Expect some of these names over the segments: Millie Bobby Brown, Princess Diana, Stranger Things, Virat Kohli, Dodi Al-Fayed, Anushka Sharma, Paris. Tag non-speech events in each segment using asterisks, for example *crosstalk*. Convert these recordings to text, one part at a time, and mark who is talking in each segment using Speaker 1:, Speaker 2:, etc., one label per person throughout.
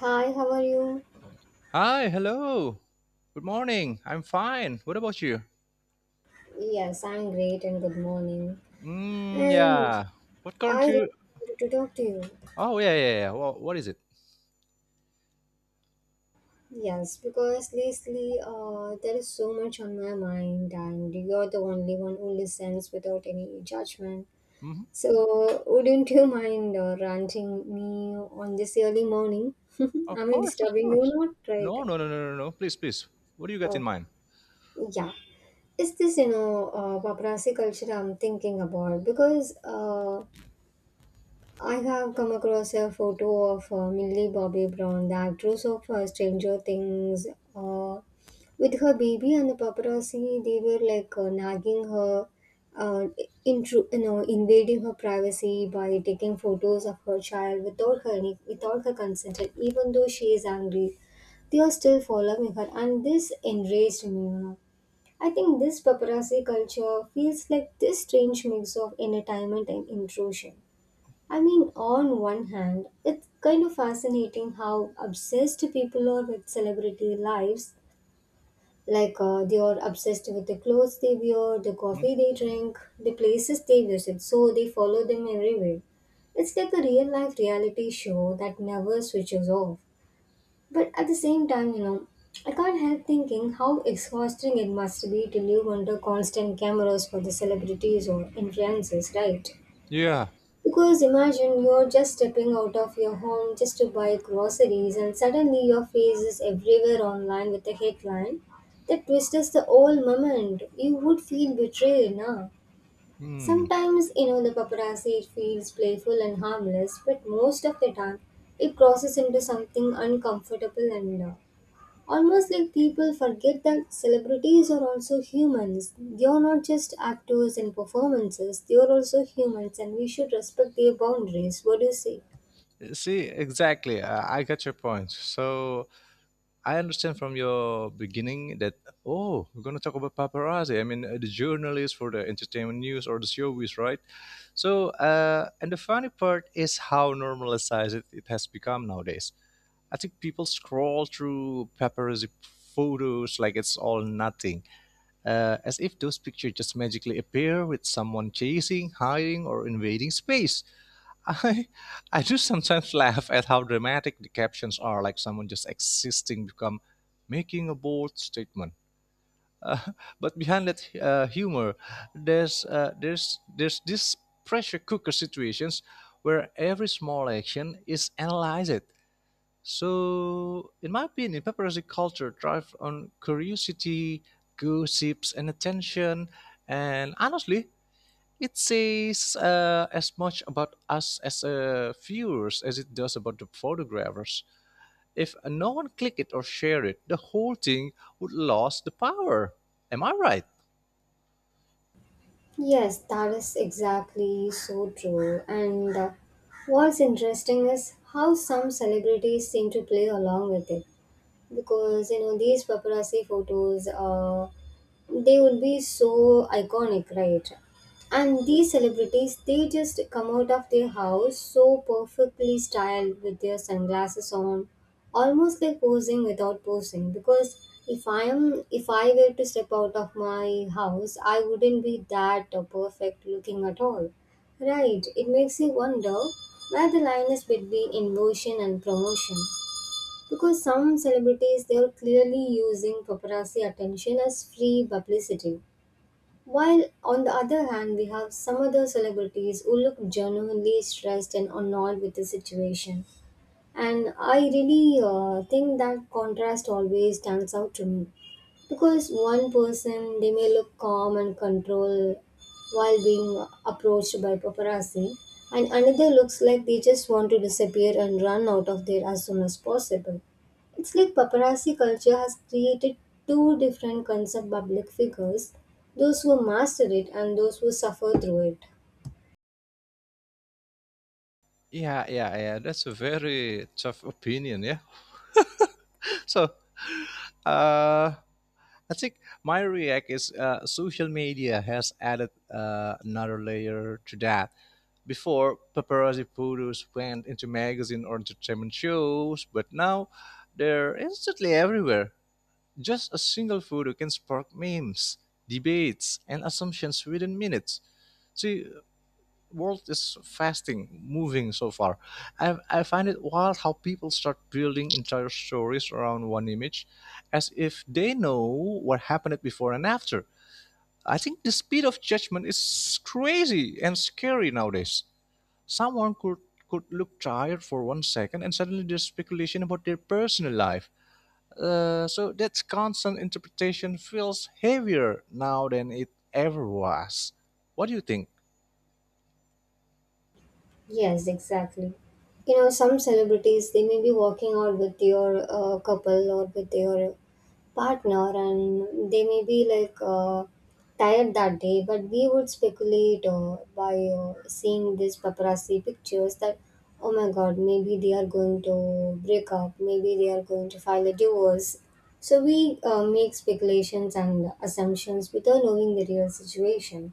Speaker 1: Hi, how are you?
Speaker 2: Hi, hello. Good morning. I'm fine. What about you?
Speaker 1: Yes, I'm great and good morning.
Speaker 2: Mm,
Speaker 1: And
Speaker 2: yeah. What
Speaker 1: I
Speaker 2: current
Speaker 1: really
Speaker 2: you?
Speaker 1: wanted to talk to you.
Speaker 2: Oh, yeah, yeah, yeah. Well, what is it?
Speaker 1: Yes, because lately there is so much on my mind, and you're the only one who listens without any judgment.
Speaker 2: Hmm.
Speaker 1: So, wouldn't you mind ranting me on this early morning? *laughs*
Speaker 2: Of
Speaker 1: Am I
Speaker 2: course, of
Speaker 1: disturbing you?
Speaker 2: course.
Speaker 1: Not right.
Speaker 2: No, no, no, no, no, no. Please, please. What do you got in
Speaker 1: Oh,
Speaker 2: mind?
Speaker 1: yeah. It's this paparazzi culture I'm thinking about because. I have come across a photo of Millie Bobby Brown, the actress of Stranger Things, uh, with her baby, and the paparazzi they were like nagging her, uh, invading her privacy by taking photos of her child without without her consent, and even though she is angry, they are still following her, and this enraged me. You know, I think this paparazzi culture feels like this strange mix of entertainment and intrusion. I mean, on one hand, it's kind of fascinating how obsessed people are with celebrity lives. Like, they are obsessed with the clothes they wear, the
Speaker 2: Hmm?
Speaker 1: coffee they drink, the places they visit, so they follow them everywhere. It's like a real life reality show that never switches off. But at the same time, you know, I can't help thinking how exhausting it must be to live under constant cameras for the celebrities or influencers, right?
Speaker 2: Yeah.
Speaker 1: Because imagine you're just stepping out of your home just to buy groceries and suddenly your face is everywhere online with a headline that twists the whole moment. You would feel betrayed, nah?
Speaker 2: Hmm.
Speaker 1: Sometimes, you know, the paparazzi feels playful and harmless, but most of the time it crosses into something uncomfortable and almost like people forget that celebrities are also humans. They are not just actors and performances, they are also humans, and we should respect their boundaries. What do you say?
Speaker 2: See, exactly. I got your point. So, I understand from your beginning that oh, we're gonna talk about paparazzi. I mean, the journalists for the entertainment news or the showbiz, right? So, and the funny part is how normalized it has become nowadays. I think people scroll through paparazzi photos like it's all nothing, as if those pictures just magically appear with someone chasing, hiding, or invading space. I I do sometimes *laughs* laugh at how dramatic the captions are, like someone just existing become making a bold statement. Uh, but behind that humor, there's this pressure cooker situations where every small action is analyzed. So, in my opinion, paparazzi culture thrives on curiosity, gossips, and attention. And honestly, it says as much about us as viewers as it does about the photographers. If no one clicked it or shared it, the whole thing would lose the power. Am I right?
Speaker 1: Yes, that is exactly so true. And what's interesting is how some celebrities seem to play along with it. Because, you know, these paparazzi photos, they would be so iconic, right? And these celebrities, they just come out of their house so perfectly styled with their sunglasses on almost like posing without posing because if I were to step out of my house I wouldn't be that perfect looking at all, right. It makes you wonder where the line is between inversion and promotion, because some celebrities they are clearly using paparazzi attention as free publicity, while on the other hand we have some other celebrities who look genuinely stressed and annoyed with the situation. And I really think that contrast always stands out to me. Because one person, they may look calm and controlled while being approached by paparazzi, and another looks like they just want to disappear and run out of there as soon as possible. It's like paparazzi culture has created two different concept public figures, those who master it and those who suffer through it.
Speaker 2: Yeah, yeah, yeah. That's a very tough opinion. Yeah. So, uh, I think my react is social media has added another layer to that. Before, paparazzi photos went into magazine or entertainment shows, but now they're instantly everywhere. Just a single photo can spark memes, debates, and assumptions within minutes. So, world is fasting, moving so far. I find it wild how people start building entire stories around one image as if they know what happened before and after. I think the speed of judgment is crazy and scary nowadays. Someone could look tired for 1 second and suddenly there's speculation about their personal life. So that constant interpretation feels heavier now than it ever was. What do you think?
Speaker 1: Yes, exactly. You know, some celebrities they may be working out with your couple or with your partner, and they may be like tired that day. But we would speculate by seeing these paparazzi pictures that, oh my God, maybe they are going to break up. Maybe they are going to file a divorce. So we make speculations and assumptions without knowing the real situation.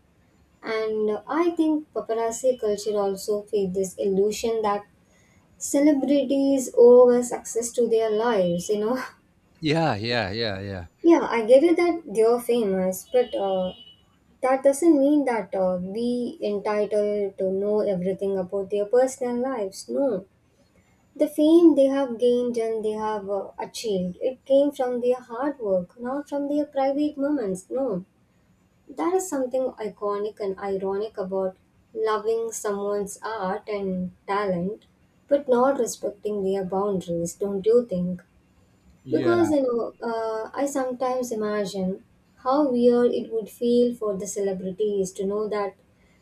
Speaker 1: And I think paparazzi culture also feed this illusion that celebrities owe success to their lives, you know. *laughs*
Speaker 2: Yeah, yeah, yeah, yeah.
Speaker 1: Yeah, I get it that they're famous, but that doesn't mean that we entitled to know everything about their personal lives. No, the fame they have gained and they have achieved, it came from their hard work, not from their private moments. No, there is something iconic and ironic about loving someone's art and talent, but not respecting their boundaries, don't you think? Because,
Speaker 2: Yeah,
Speaker 1: you know, I sometimes imagine how weird it would feel for the celebrities to know that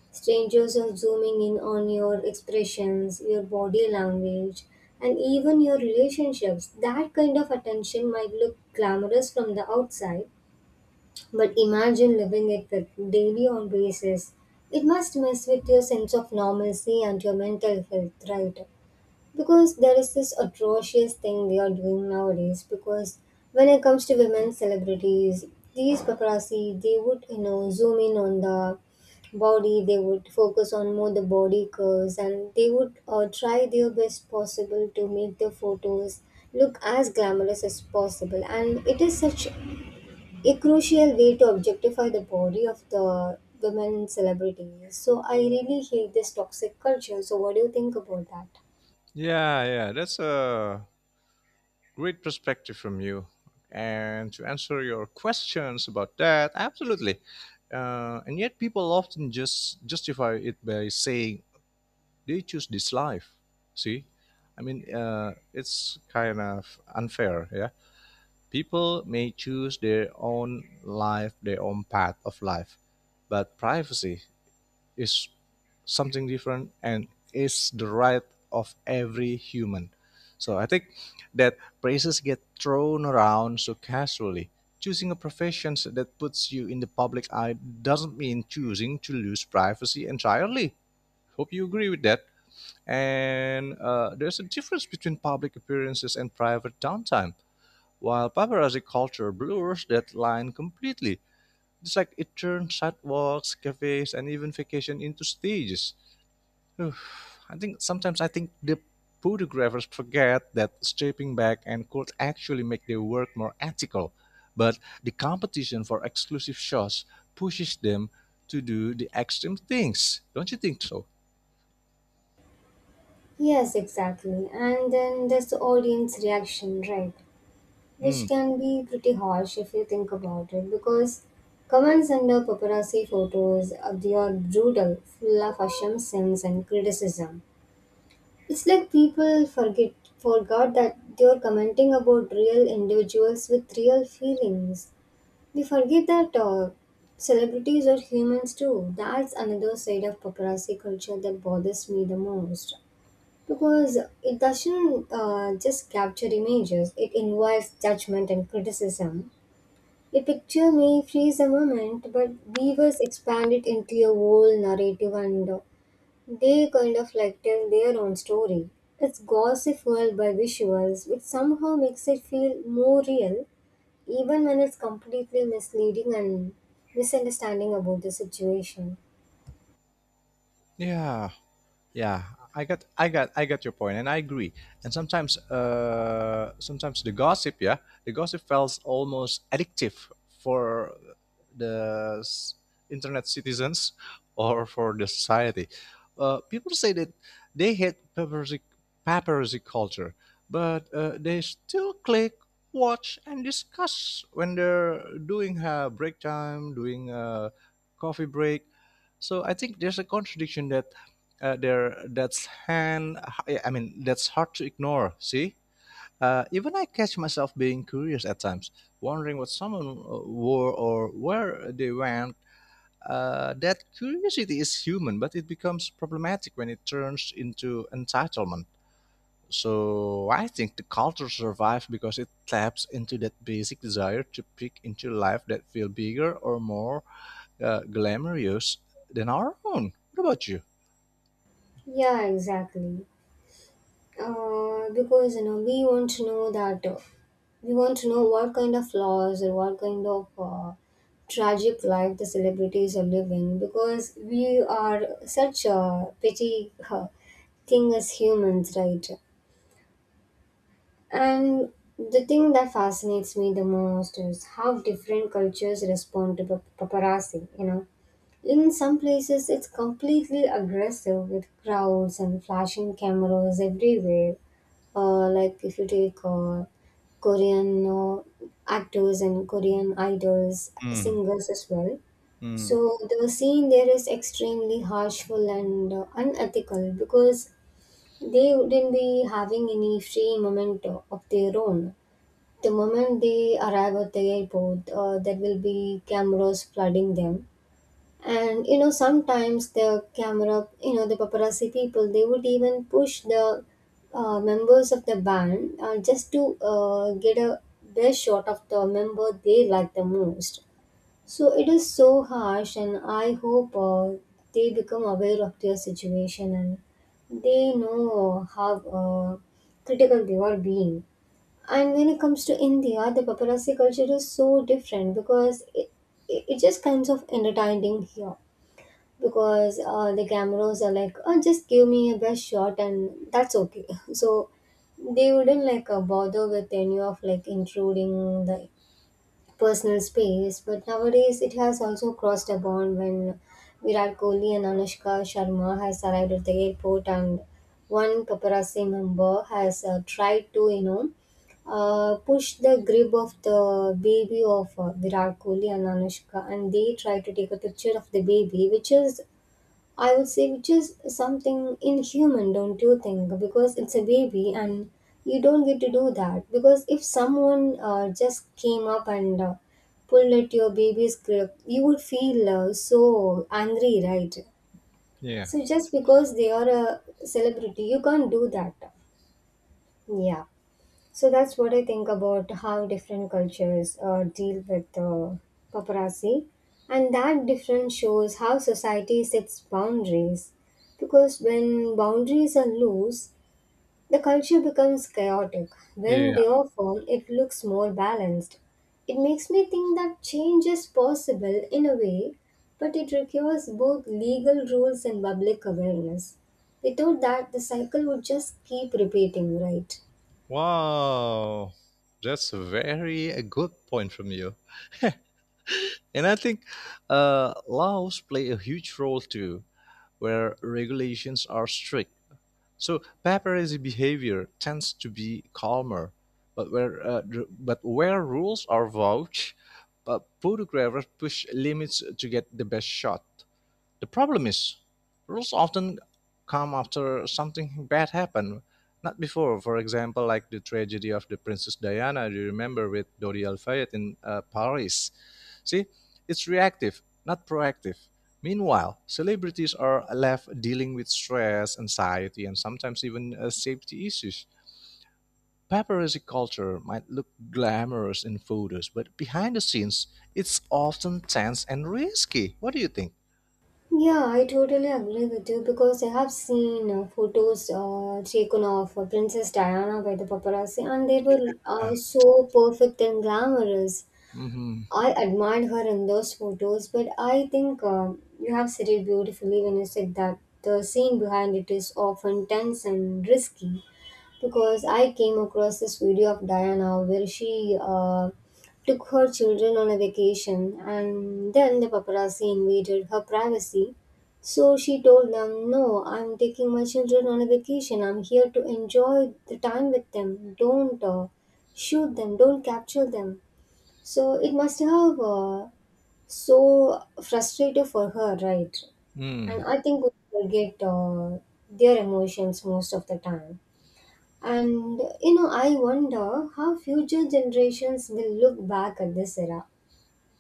Speaker 1: strangers are zooming in on your expressions, your body language, and even your relationships. That kind of attention might look glamorous from the outside, but imagine living it with daily on basis. It must mess with your sense of normalcy and your mental health, right? Because there is this atrocious thing they are doing nowadays. Because when it comes to women celebrities, these paparazzi, they would, you know, zoom in on the body. They would focus on more the body curves, and they would try their best possible to make the photos look as glamorous as possible. And it is such a crucial way to objectify the body of the women celebrities. So I really hate this toxic culture. So what do you think about that?
Speaker 2: yeah, yeah, that's a great perspective from you. And to answer your questions about that, absolutely. And yet, people often just justify it by saying they choose this life. See, I mean, it's kind of unfair. Yeah, people may choose their own life, their own path of life, but privacy is something different and is the right of every human. So I think that praises get thrown around so casually. Choosing a profession that puts you in the public eye doesn't mean choosing to lose privacy entirely. Hope you agree with that. And there's a difference between public appearances and private downtime. While paparazzi culture blurs that line completely, it's like it turns sidewalks, cafes, and even vacation into stages. Oof, I think sometimes I think the photographers forget that stepping back and could actually make their work more ethical, but the competition for exclusive shots pushes them to do the extreme things. Don't you think so?
Speaker 1: Yes, exactly. And then there's the audience reaction, right? Which
Speaker 2: Hmm.
Speaker 1: can be pretty harsh if you think about it, because comments under paparazzi photos of they are brutal, full of assumptions and criticism. It's like people forget forgot that they are commenting about real individuals with real feelings. They forget that celebrities are humans too. That's another side of paparazzi culture that bothers me the most. Because it doesn't just capture images, it involves judgment and criticism. A picture may freeze a moment, but viewers expand it into a whole narrative, and they kind of like tell their own story. It's gossip fueled by visuals, which somehow makes it feel more real even when it's completely misleading and misunderstanding about the situation.
Speaker 2: Yeah. Yeah, I got your point, and I agree. And sometimes the gossip, yeah, the gossip feels almost addictive for the internet citizens *laughs* or for the society. People say that they hate paparazzi culture, but they still click, watch, and discuss when they're doing a break time, doing a coffee break. So I think there's a contradiction that there that's hand I mean, that's hard to ignore. See, even I catch myself being curious at times, wondering what someone wore or where they went. That curiosity is human, but it becomes problematic when it turns into entitlement. So I think the culture survives because it taps into that basic desire to peek into life that feel bigger or more glamorous than our own. What about you?
Speaker 1: Yeah, exactly. Because you know, we want to know what kind of laws or what kind of tragic life the celebrities are living, because we are such a petty thing as humans, right? And the thing that fascinates me the most is how different cultures respond to paparazzi, you know. In some places, it's completely aggressive with crowds and flashing cameras everywhere. Like if you take Korean actors and Korean idols,
Speaker 2: Mm,
Speaker 1: singers as well.
Speaker 2: mm,
Speaker 1: So the scene there is extremely harshful and unethical, because they wouldn't be having any free moment of their own. The moment they arrive at the airport, there will be cameras flooding them. And you know, sometimes the camera you know the paparazzi people, they would even push the members of the band just to get a best shot of the member they like the most. So it is so harsh and I hope they become aware of their situation and they know how uh, critical they are being. And when it comes to India, the paparazzi culture is so different, because it just kinds of entertaining here, because the cameras are like, oh, just give me a best shot and that's okay. *laughs* So they wouldn't like bother with any of like intruding the personal space. But nowadays, it has also crossed a bond, when Virat Kohli and Anushka Sharma has arrived at the airport and one paparazzi member has tried to, you know, push the grip of the baby of Virat Kohli and Anushka, and they try to take a picture of the baby, which is, I would say, which is something inhuman, don't you think? Because it's a baby and you don't get to do that. Because if someone just came up and pulled at your baby's grip, you would feel so angry, right?
Speaker 2: yeah,
Speaker 1: So just because they are a celebrity, you can't do that. Yeah. So that's what I think about how different cultures deal with paparazzi. And that difference shows how society sets boundaries. Because when boundaries are loose, the culture becomes chaotic. When they
Speaker 2: yeah.
Speaker 1: are firm, it looks more balanced. It makes me think that change is possible in a way, but it requires both legal rules and public awareness. Without that, the cycle would just keep repeating, right?
Speaker 2: Wow, that's a very a good point from you. *laughs* And I think laws play a huge role too, where regulations are strict. So paparazzi behavior tends to be calmer, but where rules are vouched, but photographers push limits to get the best shot. The problem is, rules often come after something bad happened, not before. For example, like the tragedy of the Princess Diana, do you remember with Dodi Al-Fayed in Paris? See, it's reactive, not proactive. Meanwhile, celebrities are left dealing with stress, anxiety, and sometimes even safety issues. Paparazzi culture might look glamorous in photos, but behind the scenes, it's often tense and risky. What do you think?
Speaker 1: Yeah, I totally agree with you, because I have seen photos taken of Princess Diana by the paparazzi and they were
Speaker 2: Yeah.
Speaker 1: so perfect and glamorous.
Speaker 2: Mhm.
Speaker 1: I admired her in those photos, but I think you have said it beautifully when you said that the scene behind it is often tense and risky, because I came across this video of Diana where she took her children on a vacation and then the paparazzi invaded her privacy. So she told them, "No, I'm taking my children on a vacation. I'm here to enjoy the time with them. Don't shoot them, don't capture them." So it must have so frustrating for her, right? And
Speaker 2: Mm,
Speaker 1: I think we forget their emotions most of the time. And you know, I wonder how future generations will look back at this era.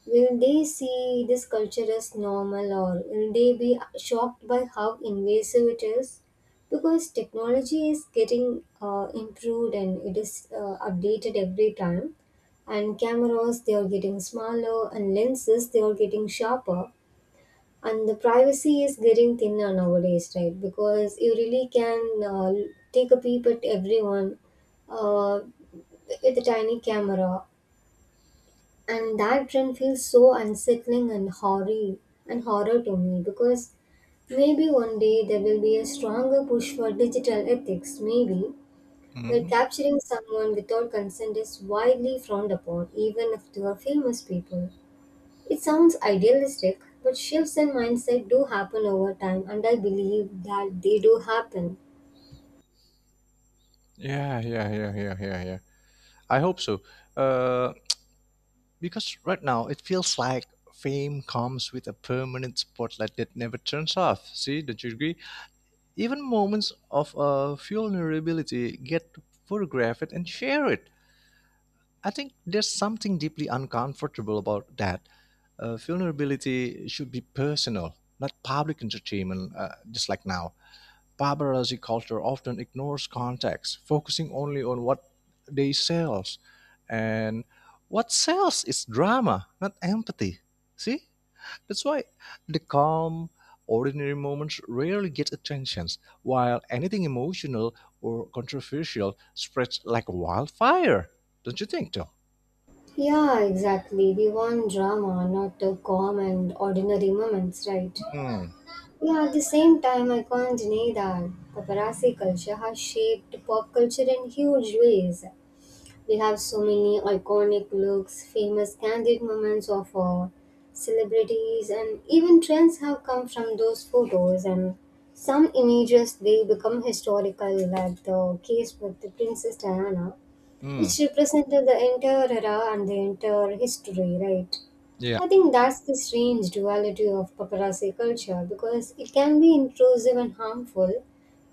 Speaker 1: Will they see this culture as normal or will they be shocked by how invasive it is? Because technology is getting improved and it is updated every time. And cameras, they are getting smaller, and lenses, they are getting sharper, and the privacy is getting thinner nowadays, right? Because you really can take a peep at everyone uh, with a tiny camera, and that trend feels so unsettling and horror to me. Because maybe one day there will be a stronger push for digital ethics, maybe, where
Speaker 2: mhm.
Speaker 1: capturing someone without consent is widely frowned upon, even if they are famous people. It sounds idealistic, but shifts in mindset do happen over time, and I believe that they do happen.
Speaker 2: Yeah, yeah, yeah, yeah, yeah, yeah. I hope so. Uh, because right now it feels like fame comes with a permanent spotlight that never turns off. See, don't you agree? Even moments of vulnerability get photographed and shared. I think there's something deeply uncomfortable about that. Vulnerability should be personal, not public entertainment, just like now. Paparazzi culture often ignores context, focusing only on what they sell. And what sells is drama, not empathy. See? That's why the calm, ordinary moments rarely get attention, while anything emotional or controversial spreads like wildfire. Don't you think, though?
Speaker 1: Yeah, exactly. We want drama, not the calm and ordinary moments, right?
Speaker 2: Hmm.
Speaker 1: Yeah, at the same time, I can't deny that paparazzi culture has shaped pop culture in huge ways. We have so many iconic looks, famous candid moments of celebrities, and even trends have come from those photos. And some images, they become historical, like the case with the Princess Diana,
Speaker 2: Hmm.
Speaker 1: which represented the entire era and the entire history, right?
Speaker 2: Yeah.
Speaker 1: I think that's the strange duality of paparazzi culture, because it can be intrusive and harmful,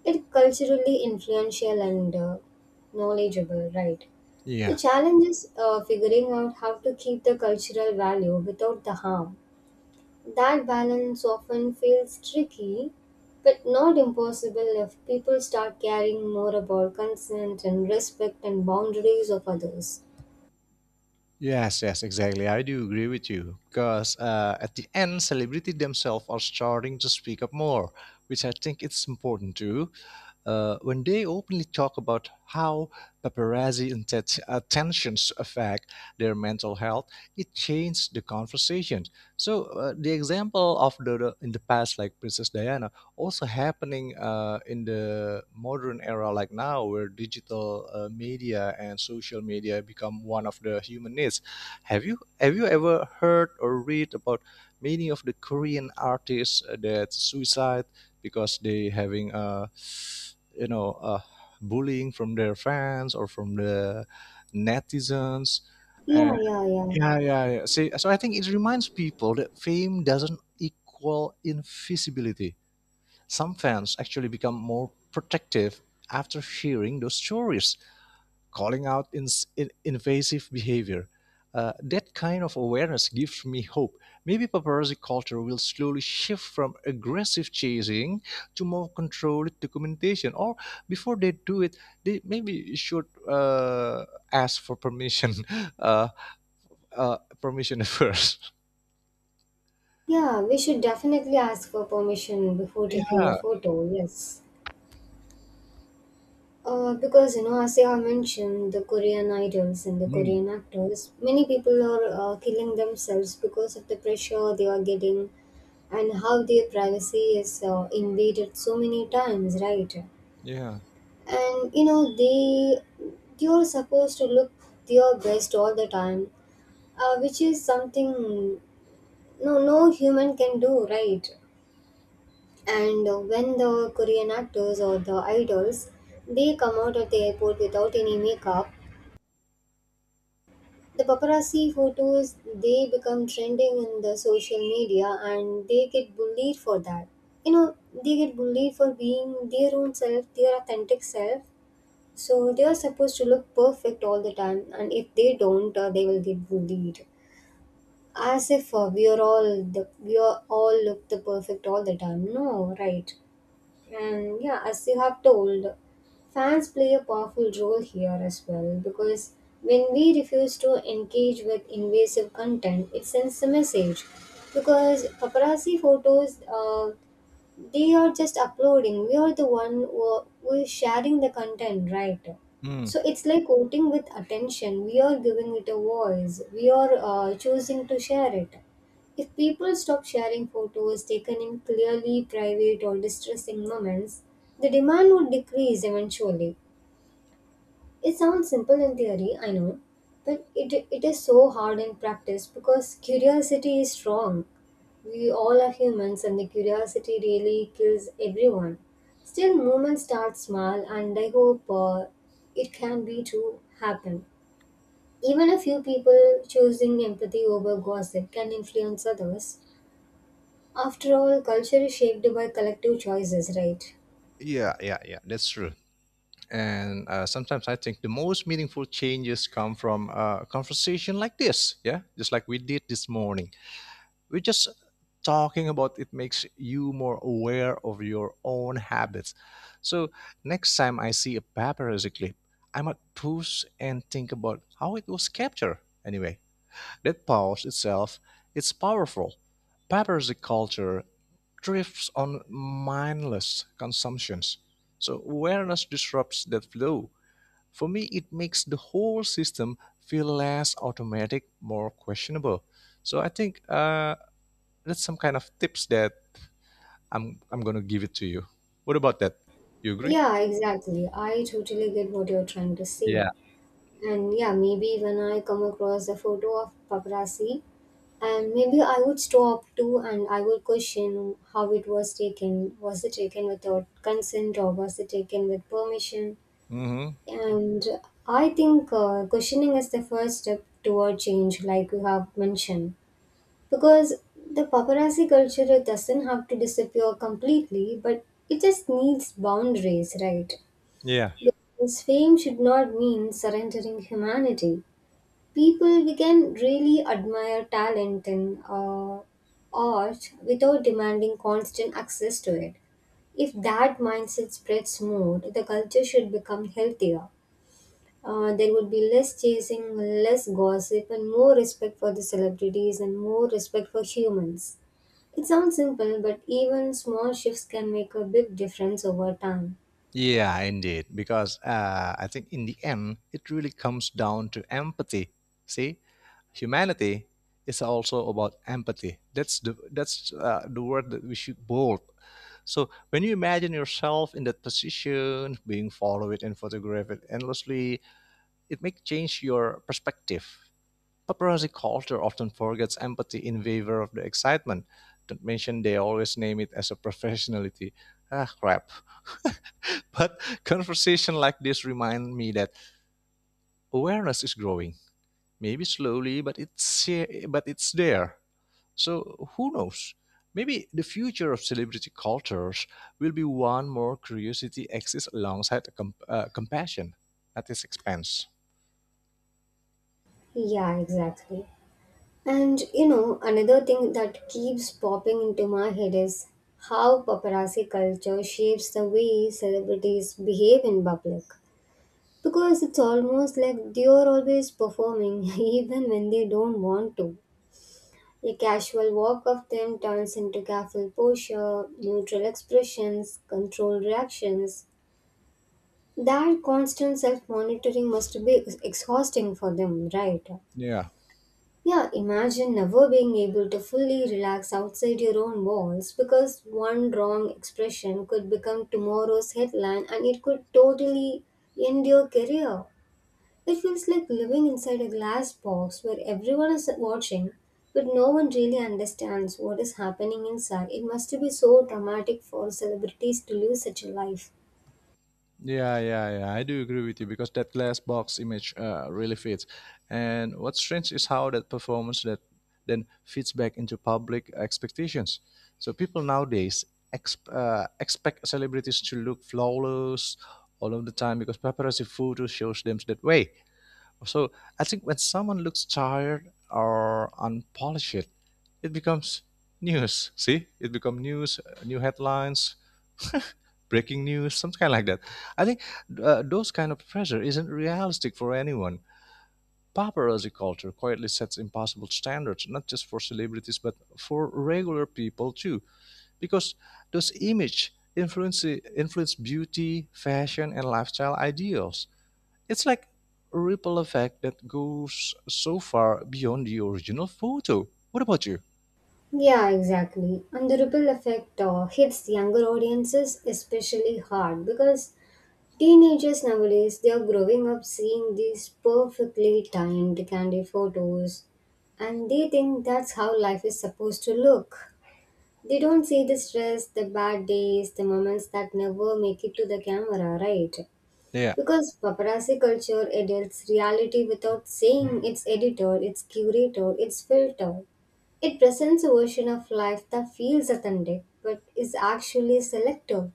Speaker 1: it culturally influential and knowledgeable, right? The
Speaker 2: Yeah.
Speaker 1: challenge is figuring out how to keep the cultural value without the harm. That balance often feels tricky, but not impossible if people start caring more about consent and respect and boundaries of others.
Speaker 2: Yes, yes, exactly. I do agree with you because at the end, celebrity themselves are starting to speak up more, which I think it's important too. When they openly talk about how paparazzi attentions affect their mental health, it changed the conversation. So, the example of in the past, like Princess Diana, also happening in the modern era, like now, where digital media and social media become one of the human needs. Have you ever heard or read about many of the Korean artists that suicide because they having a you know uh, bullying from their fans or from the netizens?
Speaker 1: Yeah,
Speaker 2: And
Speaker 1: yeah, yeah.
Speaker 2: yeah, yeah, yeah. See, so I think it reminds people that fame doesn't equal invisibility. Some fans actually become more protective after hearing those stories, calling out ins in invasive behavior. That kind of awareness gives me hope. Maybe paparazzi culture will slowly shift from aggressive chasing to more controlled documentation. Or before they do it, they maybe should ask for permission, *laughs* uh, permission *laughs* first.
Speaker 1: Yeah, we should definitely ask for permission before taking the
Speaker 2: Yeah.
Speaker 1: photo, yes. Because, you know, as I have mentioned, the Korean idols and the
Speaker 2: Mm.
Speaker 1: Korean actors, many people are killing themselves because of the pressure they are getting, and how their privacy is invaded so many times, right?
Speaker 2: Yeah.
Speaker 1: And you know, they, you're supposed to look your best all the time, which is something no human can do, right? And when the Korean actors or the idols, they come out at the airport without any makeup, the paparazzi photos, they become trending in the social media, and they get bullied for that. You know, they get bullied for being their own self, their authentic self. So they are supposed to look perfect all the time, and if they don't, they will get bullied. As if we are all look the perfect all the time. No, right? And yeah, as you have told, fans play a powerful role here as well, because when we refuse to engage with invasive content, it sends a message. Because paparazzi photos, they are just uploading, we are the one who are, we're sharing the content, right?
Speaker 2: Mm.
Speaker 1: So it's like voting with attention. We are giving it a voice, we are choosing to share it. If people stop sharing photos taken in clearly private or distressing moments, the demand would decrease eventually. It sounds simple in theory, I know, but it is so hard in practice because curiosity is strong. We all are humans, and the curiosity really kills everyone. Still, movement starts small, and I hope it can be to happen. Even a few people choosing empathy over gossip can influence others. After all, culture is shaped by collective choices, right?
Speaker 2: Yeah. Yeah. Yeah. That's true. And sometimes I think the most meaningful changes come from a conversation like this, yeah, just like we did this morning. We're just talking about it. Makes you more aware of your own habits. So next time I see a paparazzi clip, I might pause and think about how it was captured. Anyway, that pause itself, it's powerful. Paparazzi culture drifts on mindless consumptions, so awareness disrupts that flow. For me, it makes the whole system feel less automatic, more questionable. So I think that's some kind of tips that I'm gonna give it to you. What about that? You agree?
Speaker 1: Yeah, exactly. I totally get what you're trying to say.
Speaker 2: Yeah.
Speaker 1: And yeah, maybe when I come across a photo of paparazzi, and maybe I would stop too, and I would question how it was taken. Was it taken without consent, or was it taken with permission?
Speaker 2: Mm-hmm.
Speaker 1: And I think questioning is the first step toward change, like you have mentioned. Because the paparazzi culture, it doesn't have to disappear completely, but it just needs boundaries, right?
Speaker 2: Yeah.
Speaker 1: Because fame should not mean surrendering humanity. People, we can really admire talent in uh, art without demanding constant access to it. If that mindset spreads more, the culture should become healthier. There would be less chasing, less gossip, and more respect for the celebrities and more respect for humans. It sounds simple, but even small shifts can make a big difference over time.
Speaker 2: Yeah, indeed. Because I think in the end, it really comes down to empathy. See, humanity is also about empathy. That's the word that we should bold. So when you imagine yourself in that position, being followed and photographed endlessly, it may change your perspective. Paparazzi culture often forgets empathy in favor of the excitement. Don't mention they always name it as a professionality. Ah, crap. *laughs* But conversation like this remind me that awareness is growing. Maybe slowly, but but it's there. So who knows? Maybe the future of celebrity cultures will be one more curiosity exists alongside compassion at its expense.
Speaker 1: Yeah, exactly. And you know, another thing that keeps popping into my head is how paparazzi culture shapes the way celebrities behave in public. Because it's almost like they are always performing, *laughs* even when they don't want to. A casual walk of them turns into careful posture, neutral expressions, controlled reactions. That constant self monitoring must be exhausting for them, right?
Speaker 2: Yeah,
Speaker 1: Yeah, imagine never being able to fully relax outside your own walls, because one wrong expression could become tomorrow's headline, and it could totally end your career. It feels like living inside a glass box where everyone is watching, but no one really understands what is happening inside. It must be so dramatic for celebrities to live such a life.
Speaker 2: yeah, yeah, yeah. I do agree with you because that glass box image really fits. And what's strange is how that performance that then fits back into public expectations. So people nowadays expect celebrities to look flawless all of the time because paparazzi photos shows them that way. So I think when someone looks tired or unpolished, it becomes news. See, it becomes news, new headlines, breaking news, something kind like that. I think those kind of pressure isn't realistic for anyone. Paparazzi culture quietly sets impossible standards, not just for celebrities but for regular people too, because those image influence beauty, fashion, and lifestyle ideals. It's like a ripple effect that goes so far beyond the original photo. What about you?
Speaker 1: Yeah, exactly. And the ripple effect hits younger audiences especially hard, because teenagers nowadays, they are growing up seeing these perfectly timed candy photos, and they think that's how life is supposed to look. They don't see the stress, the bad days, the moments that never make it to the camera, right?
Speaker 2: Yeah.
Speaker 1: Because paparazzi culture edits reality without saying it's edited, it's curated, it's filtered. It presents a version of life that feels authentic but is actually selective.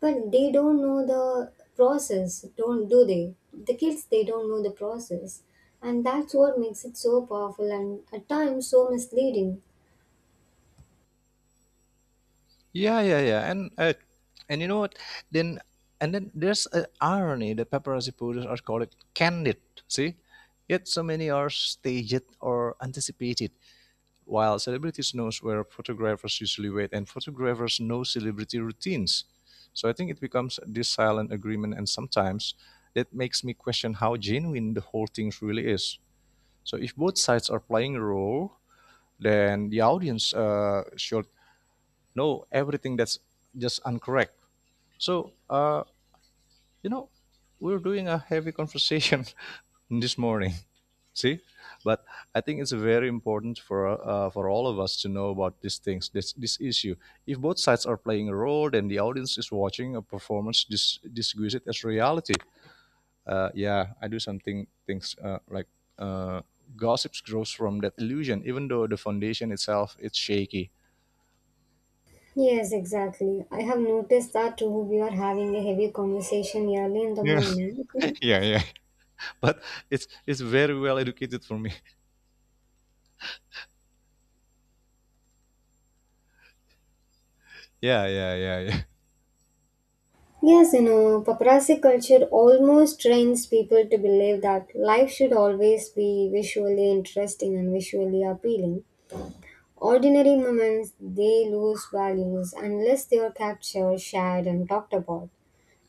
Speaker 1: But they don't know the process, don't do they? The kids, they don't know the process. And that's what makes it so powerful and at times so misleading.
Speaker 2: Yeah, yeah, yeah. And you know what? Then and then there's an irony that paparazzi photos are called candid. See, yet so many are staged or anticipated. While celebrities knows where photographers usually wait, and photographers know celebrity routines. So I think it becomes this silent agreement, and sometimes that makes me question how genuine the whole thing really is. So if both sides are playing a role, then the audience should know everything that's just incorrect. So, you know, we're doing a heavy conversation *laughs* this morning. *laughs* See, but I think it's very important for all of us to know about these things, this issue. If both sides are playing a role, then the audience is watching a performance disguised as reality. Yeah, I do something things like uh, gossips grows from that illusion, even though the foundation itself it's shaky.
Speaker 1: Yes, exactly. I have noticed that too. We are having a heavy conversation early in the
Speaker 2: Yeah,
Speaker 1: morning.
Speaker 2: *laughs*
Speaker 1: *laughs*
Speaker 2: yeah, yeah, but it's very well educated for me. *laughs* Yeah, yeah, yeah, yeah.
Speaker 1: Yes, you know, paparazzi culture almost trains people to believe that life should always be visually interesting and visually appealing. Ordinary moments, they lose values unless they are captured, shared, and talked about.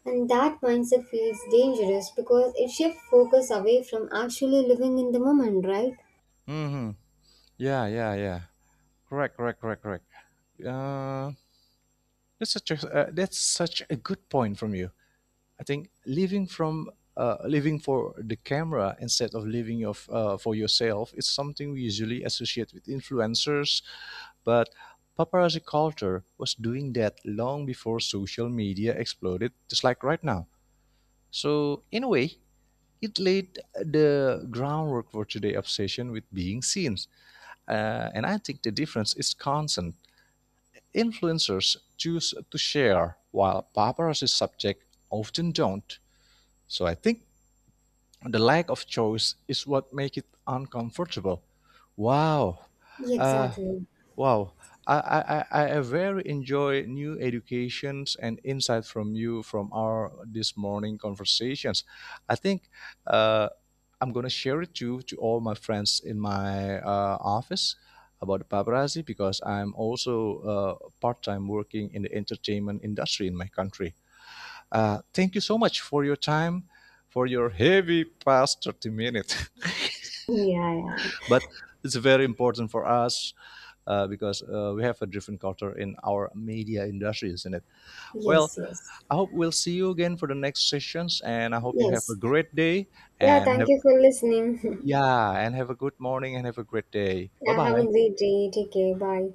Speaker 1: And that mindset feels dangerous because it shifts focus away from actually living in the moment, right?
Speaker 2: Hmm. Yeah, yeah, yeah. Correct, correct, correct, correct. Uh, that's such a good point from you. I think living from living for the camera instead of living of for yourself is something we usually associate with influencers. But paparazzi culture was doing that long before social media exploded, just like right now. So, in a way, it laid the groundwork for today's obsession with being seen. And I think the difference is constant. Influencers choose to share, while paparazzi subjects often don't. So I think the lack of choice is what makes it uncomfortable. Wow, uh,
Speaker 1: Exactly.
Speaker 2: Wow, I very enjoy new educations and insight from you from our this morning conversations. I think uh, I'm gonna share it to all my friends in my office about the paparazzi because I'm also part time working in the entertainment industry in my country. Thank you so much for your time, for your heavy past 30 minutes,
Speaker 1: Yeah, yeah.
Speaker 2: *laughs* but it's very important for us because we have a different culture in our media industry, isn't it? Well,
Speaker 1: Yes, yes.
Speaker 2: I hope we'll see you again for the next sessions, and I hope you have a
Speaker 1: Yes.
Speaker 2: great day
Speaker 1: Yeah,
Speaker 2: and
Speaker 1: thank
Speaker 2: have
Speaker 1: you for listening. *laughs*
Speaker 2: yeah, and have a good morning and have a great day. Bye
Speaker 1: Yeah, have a
Speaker 2: bye.
Speaker 1: great day. Take care. Bye.